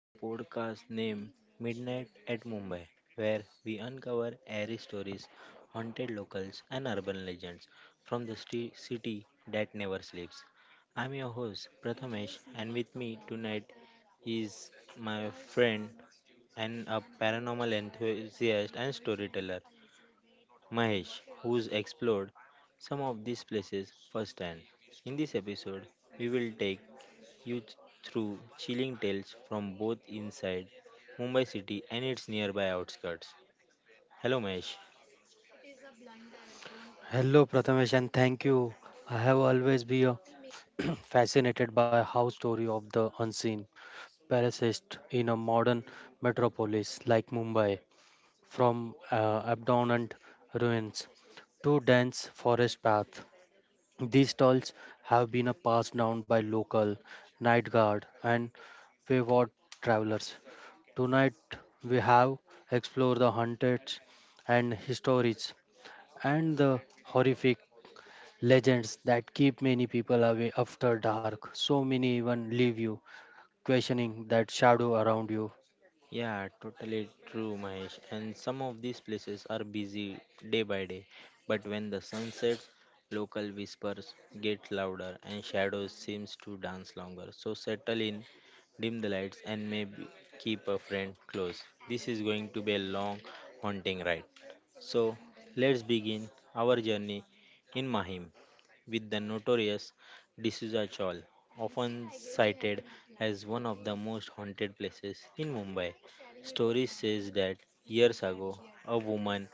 to the podcast named Midnight at Mumbai where we uncover airy stories, haunted locals and urban legends from the city that never sleeps. I'm your host Prathamesh and with me tonight is my friend and a paranormal enthusiast and storyteller Mahesh, who's explored some of these places firsthand. In this episode, we will take you through chilling tales from both inside Mumbai city and its nearby outskirts. Hello, Mahesh. Hello, Prathamesh, and thank you. I have always been fascinated by how story of the unseen persist in a modern metropolis like Mumbai, from abandoned ruins to dense forest path. These tales have been passed down by local night guard and wayward travelers. Tonight, we have explored the haunted and histories and the horrific legends that keep many people away after dark. So many even leave you questioning that shadow around you. Yeah, totally true, Mahesh. And some of these places are busy day by day, but when the sun sets, local whispers get louder and shadows seems to dance longer. So settle in, dim the lights, and maybe keep a friend close. This is going to be a long, haunting ride. So let's begin our journey in Mahim with the notorious D'Souza Chawl, often cited as one of the most haunted places in Mumbai. Story says that years ago, a woman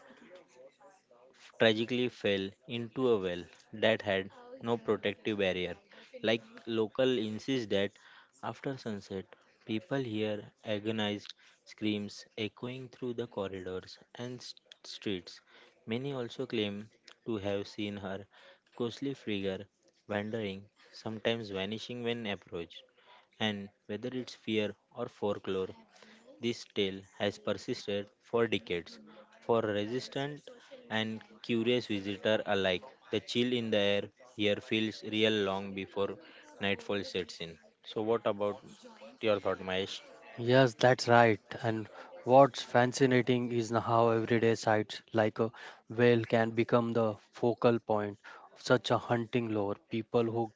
tragically fell into a well that had no protective barrier. Like local insist that after sunset, people hear agonized screams echoing through the corridors and streets. Many also claim to have seen her ghostly figure wandering, sometimes vanishing when approached and whether it's fear or folklore, this tale has persisted for decades. For resistant and curious visitor alike, the chill in the air here feels real long before nightfall sets in. So, what about your thought, Mahesh? Yes, that's right. And what's fascinating is how everyday sights like a whale can become the focal point of such a hunting lore. People who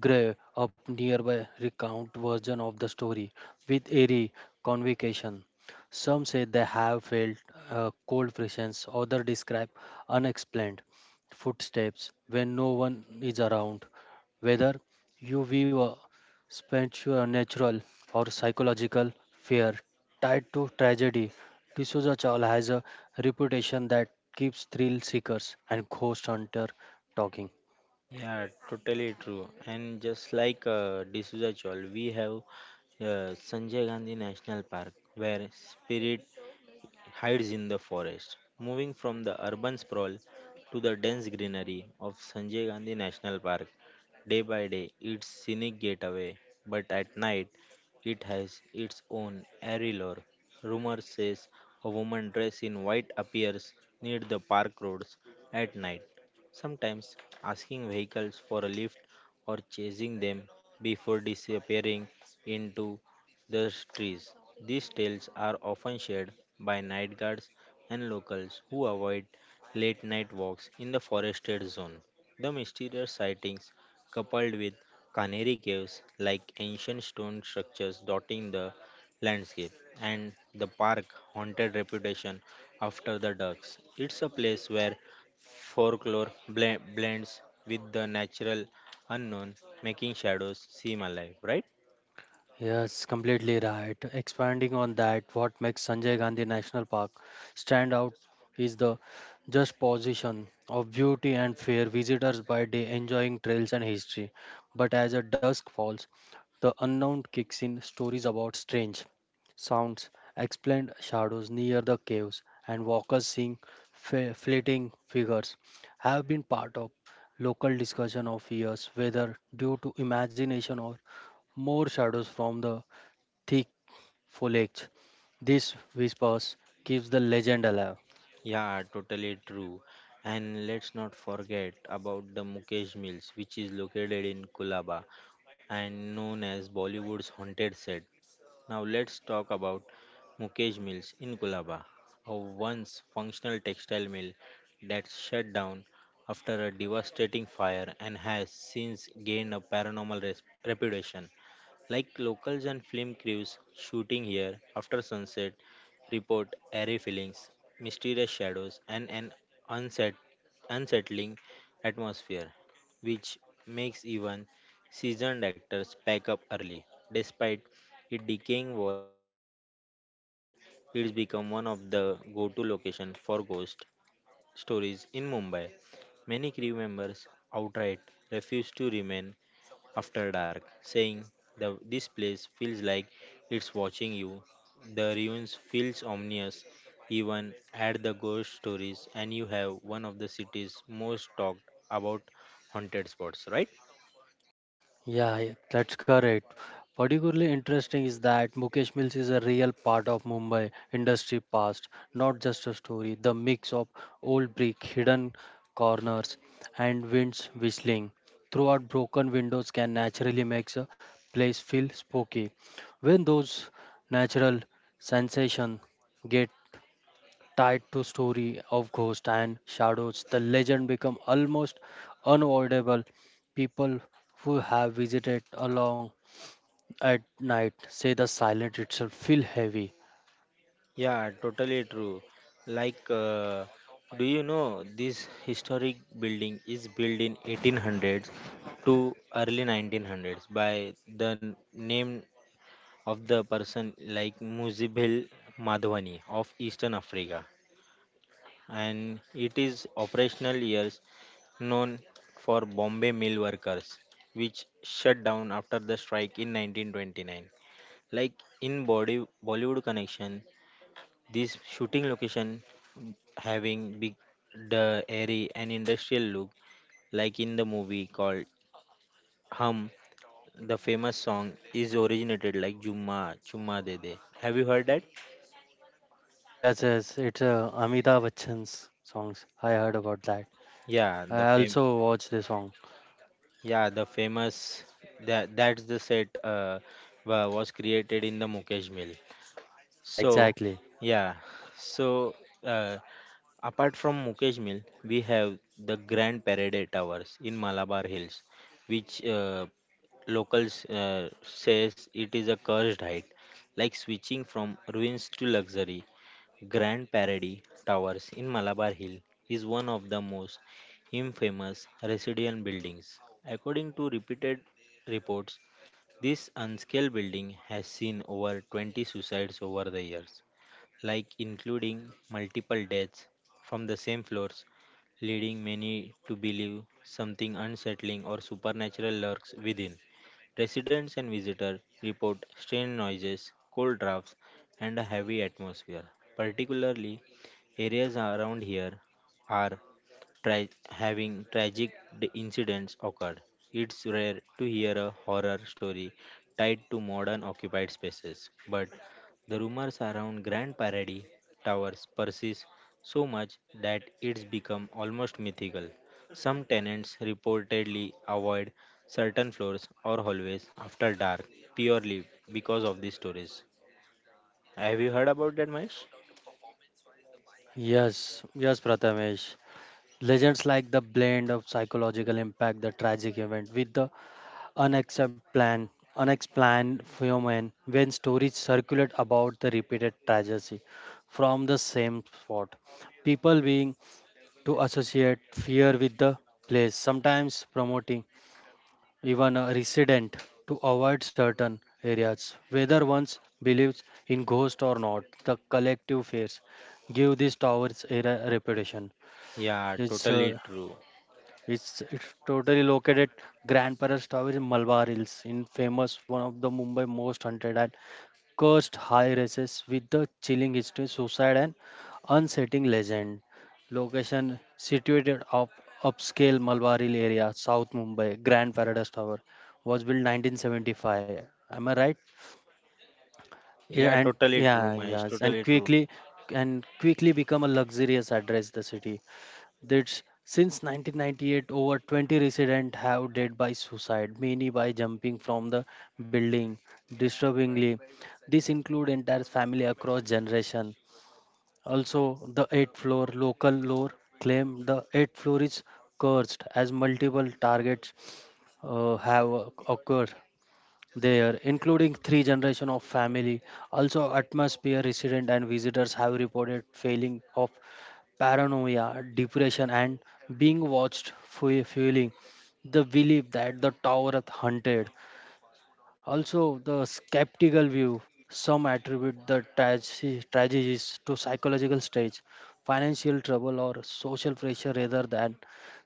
Gray up nearby recount version of the story with eerie conviction. Some say they have felt a cold presence, others describe unexplained footsteps when no one is around. Whether you view a supernatural or psychological fear tied to tragedy, D'Souza Chawl has a reputation that keeps thrill seekers and ghost hunters talking. Yeah, totally true. And just like D'Souza Chol, we have Sanjay Gandhi National Park, where spirit hides in the forest. Moving from the urban sprawl to the dense greenery of Sanjay Gandhi National Park, day by day its scenic gateway, but at night it has its own airy lore. Rumor says a woman dressed in white appears near the park roads at night, sometimes asking vehicles for a lift or chasing them before disappearing into the trees. These tales are often shared by night guards and locals who avoid late night walks in the forested zone. The mysterious sightings, coupled with canary caves like ancient stone structures dotting the landscape, and the park haunted reputation after the ducks. It's a place where folklore blends with the natural unknown, making shadows seem alive, right? Yes, completely right. Expanding on that, what makes Sanjay Gandhi National Park stand out is the just position of beauty and fair visitors by day enjoying trails and history. But as a dusk falls, the unknown kicks in stories about strange sounds, explained shadows near the caves, and walkers seeing fleeting figures have been part of local discussion of years, whether due to imagination or more shadows from the thick foliage. This whispers keeps the legend alive. Yeah, totally true. And let's not forget about the Mukesh Mills, which is located in Kulaba and known as Bollywood's haunted set. Now let's talk about Mukesh Mills in Kulaba, a once functional textile mill that shut down after a devastating fire and has since gained a paranormal reputation. Like locals and film crews shooting here after sunset report airy feelings, mysterious shadows, and an unset- unsettling atmosphere, which makes even seasoned actors pack up early. Despite its decaying walls and historic background, it's become one of the go to locations for ghost stories in Mumbai. Many crew members outright refuse to remain after dark, saying this place feels like it's watching you. The ruins feels ominous, even at the ghost stories, and you have one of the city's most talked about haunted spots, right? Yeah, yeah, that's correct. Particularly interesting is that Mukesh Mills is a real part of Mumbai industry past, not just a story. The mix of old brick, hidden corners, and winds whistling throughout broken windows can naturally make a place feel spooky. When those natural sensations get tied to story of ghosts and shadows, the legend become almost unavoidable. People who have visited along at night say the silence itself feel heavy. Yeah, totally true. Like, do you know this historic building is built in 1800s to early 1900s by the name of the person like Muzibel Madhwani of Eastern Africa, and it is operational years known for Bombay mill workers, which shut down after the strike in 1929. Like in body, Bollywood connection, this shooting location having big the airy and industrial look like in the movie called hum the famous song is originated like jumma chumma de de have you heard that? Yes, yes, it's Amitabh Bachchan's songs. I heard about that. Yeah, the I fame. also watched the song. Yeah, the famous that's the set was created in the Mukesh Mill. Yeah, So exactly. yeah, so uh, apart from Mukesh Mill, we have the Grand Parade Towers in Malabar Hills, which locals says it is a cursed height, like switching from ruins to luxury. Grand Parady Towers in Malabar Hill is one of the most infamous residential buildings. According to repeated reports, this unscaled building has seen over 20 suicides over the years like including multiple deaths from the same floors, leading many to believe something unsettling or supernatural lurks within. Residents and visitors report strange noises, cold drafts, and a heavy atmosphere. Particularly, areas around here are tra- having tragic incidents occurred. It's rare to hear a horror story tied to modern occupied spaces, but the rumors around Grand Paradis towers persist so much that it's become almost mythical. Some tenants reportedly avoid certain floors or hallways after dark purely because of these stories. Have you heard about that, Mahesh? Yes, yes, Prathamesh. Legends like the blend of psychological impact, the tragic event with the unexplained unexplained phenomenon when stories circulate about the repeated tragedy from the same spot, people being to associate fear with the place, sometimes promoting even a resident to avoid certain areas. Whether one's believes in ghosts or not, the collective fears give these towers a reputation. Yeah, it's totally uh, true. it's it's totally located Grand Paras Tower in Malabar Hills, in famous one of the Mumbai most hunted and cursed high races with the chilling history, suicide and unsettling legend. Location situated up upscale Malabar Hill area, South Mumbai. Grand Paradise Tower was built 1975. Am I right? Yeah, Yeah, yeah, and totally true, yeah, Mahesh. yes, and Totally true. quickly and quickly become a luxurious address the city that's since 1998, over 20 residents have died by suicide, many by jumping from the building. Disturbingly, this include entire family across generation. Also, the eighth floor local lore claim the eighth floor is cursed as multiple targets have occurred there, including three generation of family. Also, atmosphere resident and visitors have reported failing of paranoia, depression, and being watched, fueling the belief that the tower hunted. Also, the skeptical view. Some attribute the tragedies to psychological stage, financial trouble, or social pressure rather than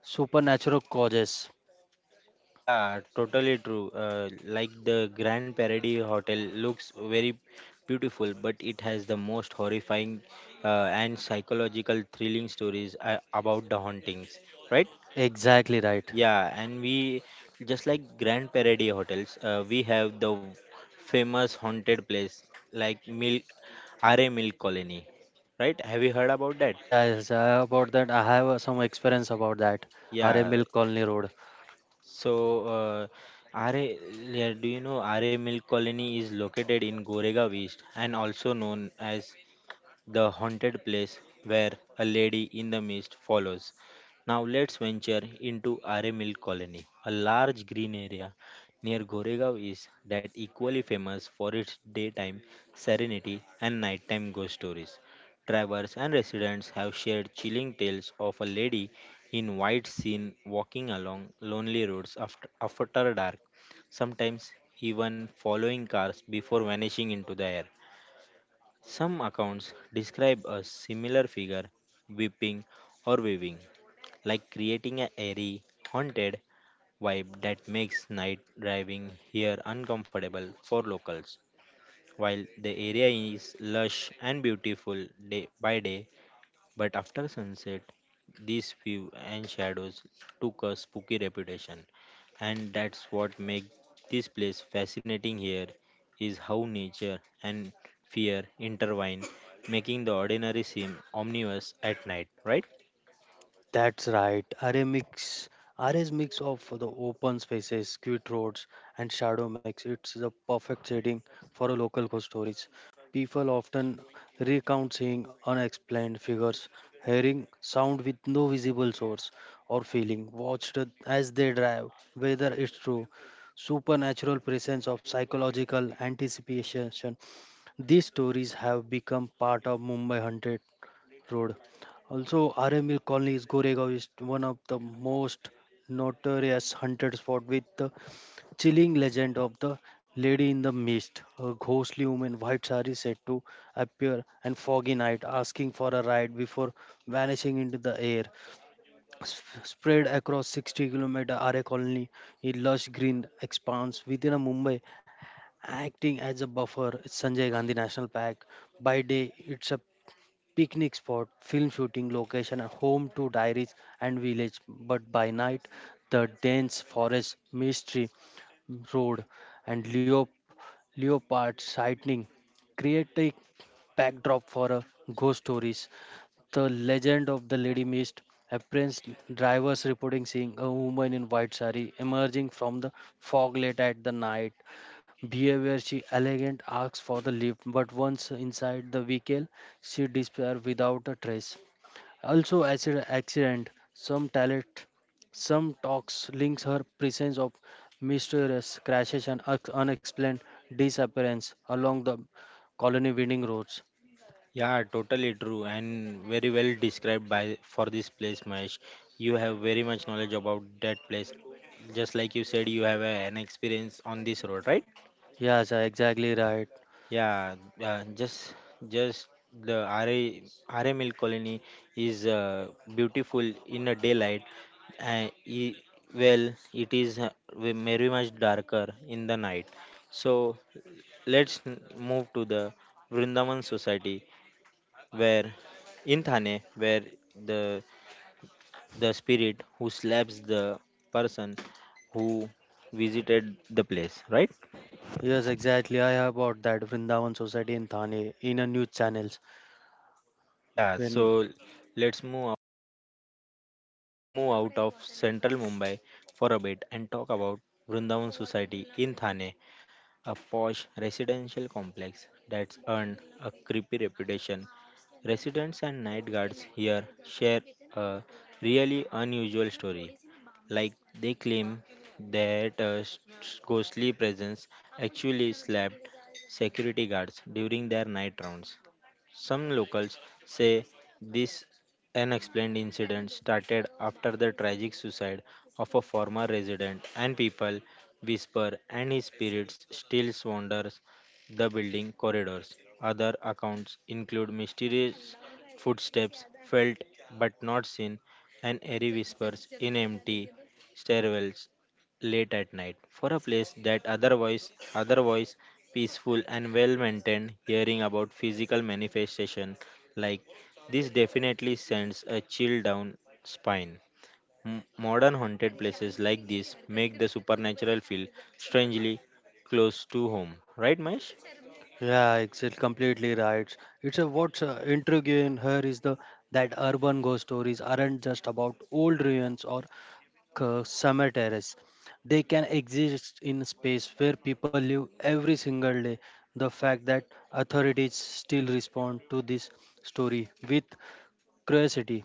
supernatural causes. Yeah, totally true. Like the Grand Parody Hotel looks very beautiful, but it has the most horrifying and psychological thrilling stories about the hauntings, right? Exactly right. Yeah, and we just like Grand Parody Hotels, we have the famous haunted place like Milk, RA Milk Colony, right? Have you heard about that? Yes, about that, I have some experience about that. RA Yeah. Milk Colony Road. So, are, yeah, do you know Are Milk Colony is located in Goregaon East and also known as the haunted place where a lady in the mist follows. Now let's venture into Are Mill Colony, a large green area near Goregaon is that equally famous for its daytime serenity and nighttime ghost stories. Travelers and residents have shared chilling tales of a lady in white seen walking along lonely roads after dark, sometimes even following cars before vanishing into the air. Some accounts describe a similar figure whipping or waving, like creating a airy, haunted vibe that makes night driving here uncomfortable for locals. While the area is lush and beautiful day by day, but after sunset, these view and shadows took a spooky reputation, and that's what makes this place fascinating here is how nature and fear intertwine, making the ordinary seem omnivorous at night, right? That's right. RA's mix of the open spaces, quiet roads, and shadow mix. It's the perfect setting for a local ghost stories. People often recount seeing unexplained figures, hearing sound with no visible source or feeling watched as they drive, whether it's true supernatural presence of psychological anticipation. These stories have become part of Mumbai Haunted Road. Also, RML Colony's Goregaon is one of the most notorious haunted spot with the chilling legend of the lady in the mist, a ghostly woman in white sari said to appear on foggy night asking for a ride before vanishing into the air. Spread across 60-kilometer are colony in lush green expanse within a Mumbai. Acting as a buffer, it's Sanjay Gandhi National Park. By day, it's a picnic spot, film shooting location, and home to dairies and village. But by night, the dense forest, mystery road, and leopard sighting create a backdrop for a ghost stories, the legend of the Lady Mist. Apprentice drivers reporting seeing a woman in white sari emerging from the fog late at the night. Behavior she elegant asks for the lift, but once inside the vehicle, she disappears without a trace. Also, accident. Some talks links her presence of mysterious crashes and unexplained disappearance along the colony winning roads. Yeah, totally true and very well described by for this place, Mahesh. You have very much knowledge about that place. Just like you said, you have an experience on this road, right? Yes, exactly right. Yeah, uh, just just the Are Mill Colony is beautiful in a daylight. Uh, e- well, it is very much darker in the night. So let's move to the Vrindavan Society, where in Thane, where the the spirit who slaps the person who visited the place, right? Yes, exactly. I have about that Vrindavan Society in Thane in a news channels. Yeah. When So let's move. Let's move out of central Mumbai for a bit and talk about Vrindavan Society in Thane, a posh residential complex that's earned a creepy reputation. Residents and night guards here share a really unusual story. Like they claim that a ghostly presence actually slapped security guards during their night rounds. Some locals say this unexplained incident started after the tragic suicide of a former resident, and people whisper and his spirit still wanders the building corridors. Other accounts include mysterious footsteps felt but not seen, and eerie whispers in empty stairwells late at night for a place that otherwise peaceful and well maintained hearing about physical manifestation like this definitely sends a chill down spine. Modern haunted places like this make the supernatural feel strangely close to home, right, Mahesh? Yeah, it's completely right. It's a what's intriguing here is the that urban ghost stories aren't just about old ruins or summer terrace. They can exist in space where people live every single day. The fact that authorities still respond to this story with curiosity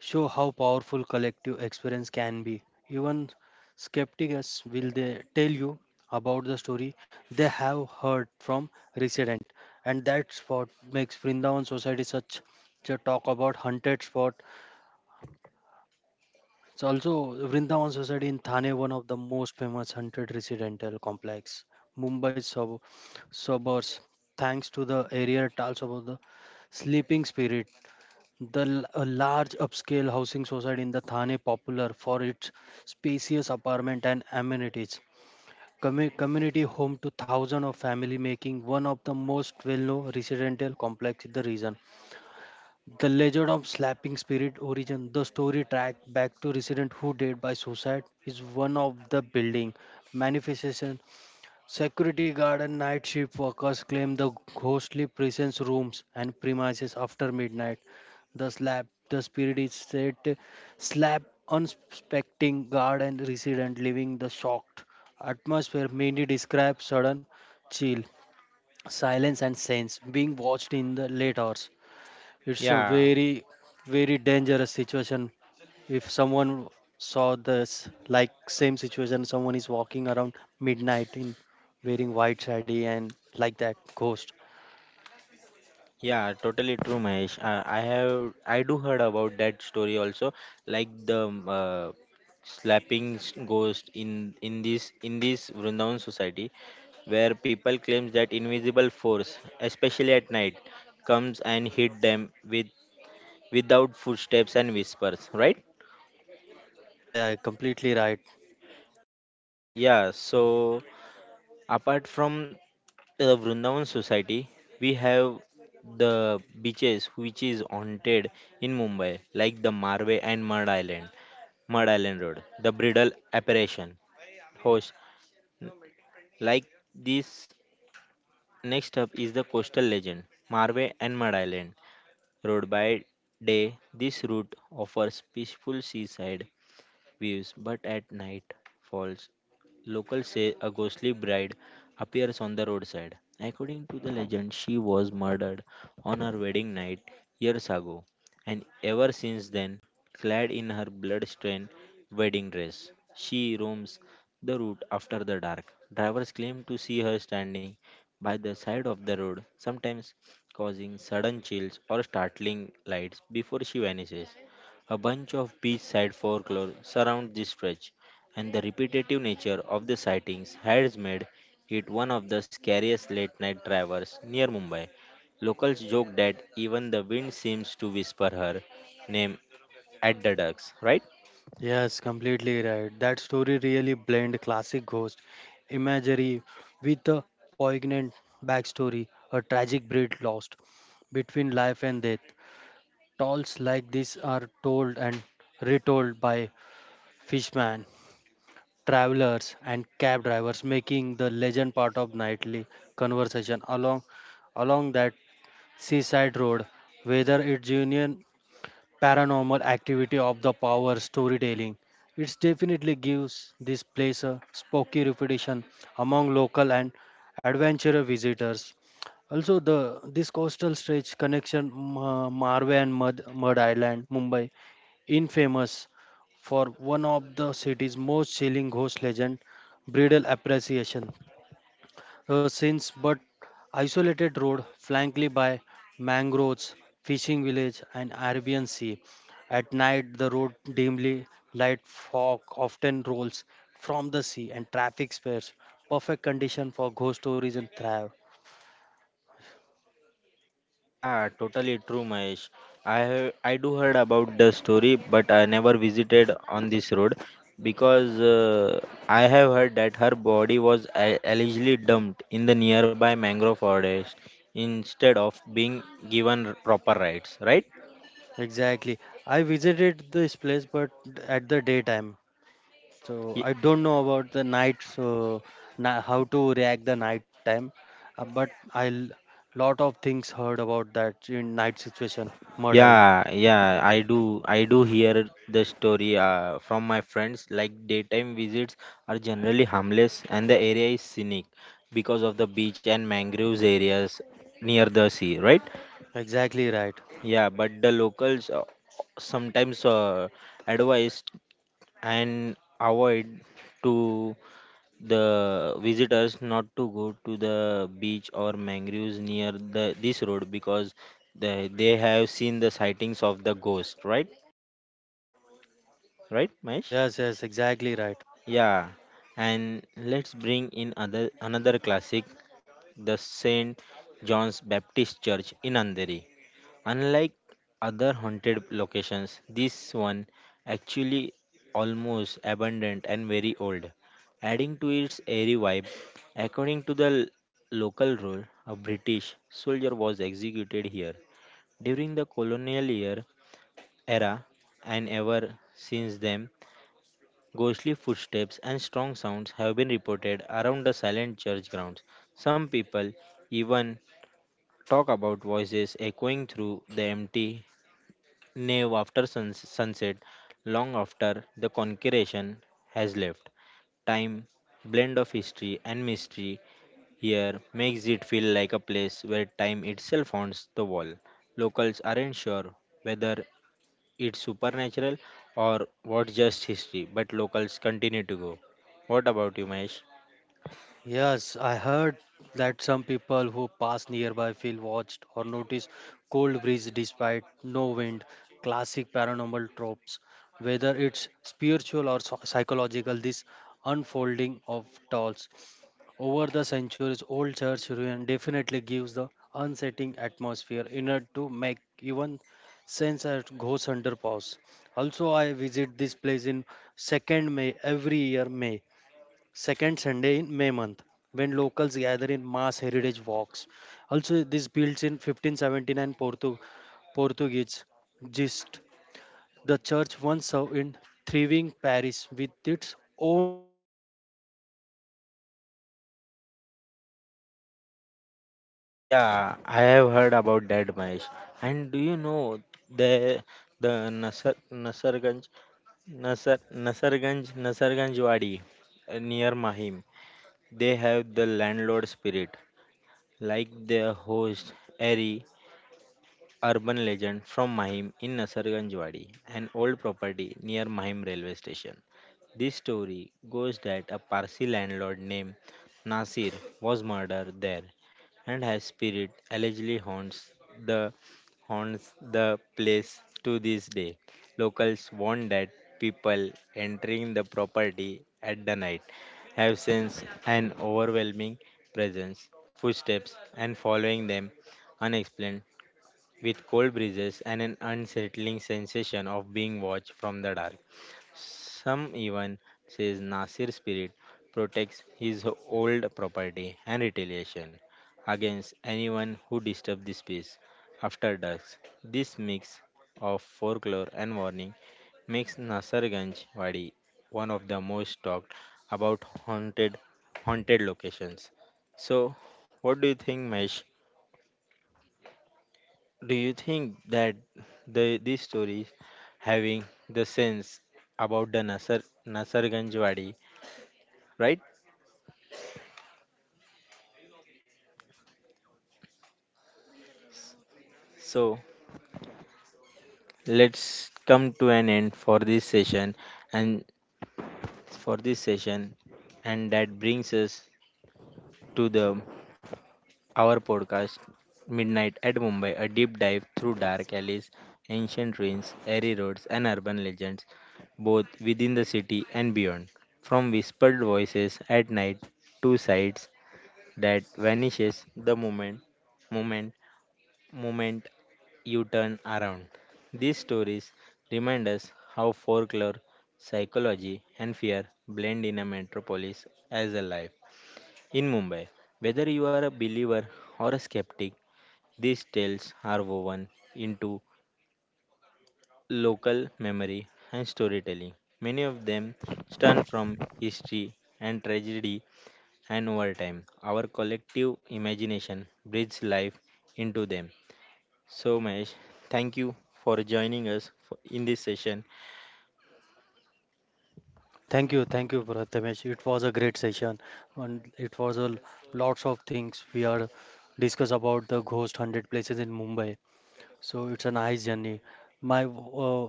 show how powerful collective experience can be. Even skeptics will they tell you about the story they have heard from resident, and that's what makes Vrindavan society such a talk about haunted spot. So also Vrindavan society in Thane, one of the most famous haunted residential complex, Mumbai suburbs, thanks to the area tales about the sleeping spirit, the a large upscale housing society in the Thane popular for its spacious apartment and amenities. Community home to thousands of family, making one of the most well-known residential complex in the region. The legend of Slapping Spirit origin, the story tracked back to resident who died by suicide, is one of the building manifestation. Security guard and night shift workers claim the ghostly presence rooms and premises after midnight. The spirit is said to slap unsuspecting guard and resident, leaving the shocked atmosphere. Many describe sudden chill, silence, and sense being watched in the late hours. It's a yeah very, very dangerous situation if someone saw this like same situation, someone is walking around midnight in wearing white sari and like that ghost. yeah totally true, Mahesh. I have, I do heard about that story also like the slapping ghost in this Vrindavan society where people claim that invisible force, especially at night, comes and hit them with without footsteps and whispers, right? Yeah, yeah, completely right. Yeah, so apart from the Vrindavan Society, we have the beaches which is haunted in Mumbai, like the Marve and Mud Island, Mud Island Road, the Bridal Apparition, host. Like this, next up is the coastal legend, Marve and Mud Island road by day. This route offers peaceful seaside views, but at night falls, locals say a ghostly bride appears on the roadside. According to the legend, she was murdered on her wedding night years ago, and ever since then, clad in her blood-stained wedding dress, she roams the route after the dark. Drivers claim to see her standing by the side of the road, sometimes causing sudden chills or startling lights before she vanishes. A bunch of beachside folklore surround this stretch, and the repetitive nature of the sightings has made it one of the scariest late night drivers near Mumbai. Locals joke that even the wind seems to whisper her name at the ducks, right? Yes, completely right. That story really blend classic ghost imagery with a poignant backstory, a tragic breed lost between life and death. Tales like this are told and retold by fishman, travelers and cab drivers, making the legend part of nightly conversation along that seaside road, whether it's union paranormal activity of the power storytelling. It definitely gives this place a spooky reputation among local and adventurer visitors. Also, the this coastal stretch connection Marve and Mud Island, Mumbai, infamous for one of the city's most chilling ghost legend, bridal appreciation, since but isolated road flanked by mangroves, fishing village, and Arabian Sea. At night, the road dimly light, fog often rolls from the sea and traffic spares. Perfect condition for ghost stories and thrive. Yeah, totally true, Mahesh. I have, I do heard about the story, but I never visited on this road because I have heard that her body was allegedly dumped in the nearby mangrove forest instead of being given proper rights, right? Exactly. I visited this place, but at the daytime. So I don't know about the night, so na how to react the night time, but I lot of things heard about that in night situation, Mud Island. Yeah, yeah, I do. I do hear the story from my friends. Like daytime visits are generally harmless, and the area is scenic because of the beach and mangroves areas near the sea, right? Exactly right. Yeah, but the locals sometimes advise and avoid to the visitors not to go to the beach or mangroves near the this road because they have seen the sightings of the ghost, right? Right, Mesh? Yes, yes, exactly right. Yeah. And let's bring in other another classic, the Saint John's Baptist Church in Andheri. Unlike other haunted locations, this one actually almost abandoned and very old. Adding to its eerie vibe, according to the local rule, a British soldier was executed here during the colonial year era and ever since then ghostly footsteps and strong sounds have been reported around the silent church grounds. Some people even talk about voices echoing through the empty nave after sunset, long after the congregation has left. Time, blend of history and mystery here makes it feel like a place where time itself haunts the wall. Locals aren't sure whether it's supernatural or what? Just history, but locals continue to go. What about you, Mahesh? Yes, I heard that some people who pass nearby feel watched or notice cold breeze despite no wind. Classic paranormal tropes. Whether it's spiritual or psychological, this unfolding of dolls over the centuries, old church ruin definitely gives the unsettling atmosphere enough to make even sense at goes under pause. Also, I visit this place in second May every year May, second Sunday in May month. Yeah, I have heard about that, Mahesh. And do you know the the Nasar Nasarganj Nasarganj Wadi near Mahim? They have the landlord spirit, like their host Ari. Urban legend from Mahim in Nasarganjwadi, an old property near Mahim railway station. This story goes that a Parsi landlord named Nasir was murdered there, and his spirit allegedly haunts the haunts the place to this day. Locals warn that people entering the property at the night have sensed an overwhelming presence, footsteps, and following them unexplained with cold breezes and an unsettling sensation of being watched from the dark. Some even says Nasir's spirit protects his old property and retaliation against anyone who disturbs this peace. After dusk, this mix of folklore and warning makes Nasirganj Wadi one of the most talked about haunted locations. So, what do you think, Mesh? Do you think that the these stories having the sense about the Nasarganj Wadi, right? So let's come to an end for this session and for this session and that brings us to the our podcast Midnight at Mumbai, a deep dive through dark alleys, ancient ruins, airy roads and urban legends, both within the city and beyond. From whispered voices at night to sights that vanishes the moment moment you turn around. These stories remind us how folklore, psychology, and fear blend in a metropolis as a life. In Mumbai, whether you are a believer or a skeptic, these tales are woven into local memory and storytelling. Many of them stem from history and tragedy and over time, our collective imagination breathes life into them. So, Mesh, thank you for joining us for, in this session. Thank you, Prathamesh. It was a great session, and it was a lots of things we are discuss about the ghost hundred places in Mumbai. So it's a nice journey. My uh,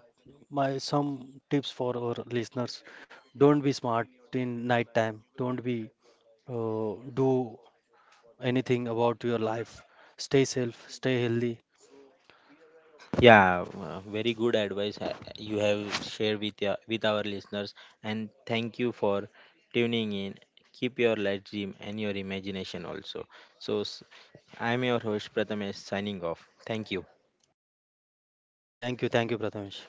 my some tips for our listeners: don't be smart in night time. Don't be uh, do anything about your life. Stay safe, stay healthy. Yeah, very good advice you have shared with your, with our listeners, and thank you for tuning in. Keep your light dream and your imagination also. So, I'm your host Prathamesh signing off. Thank you. Thank you, Prathamesh.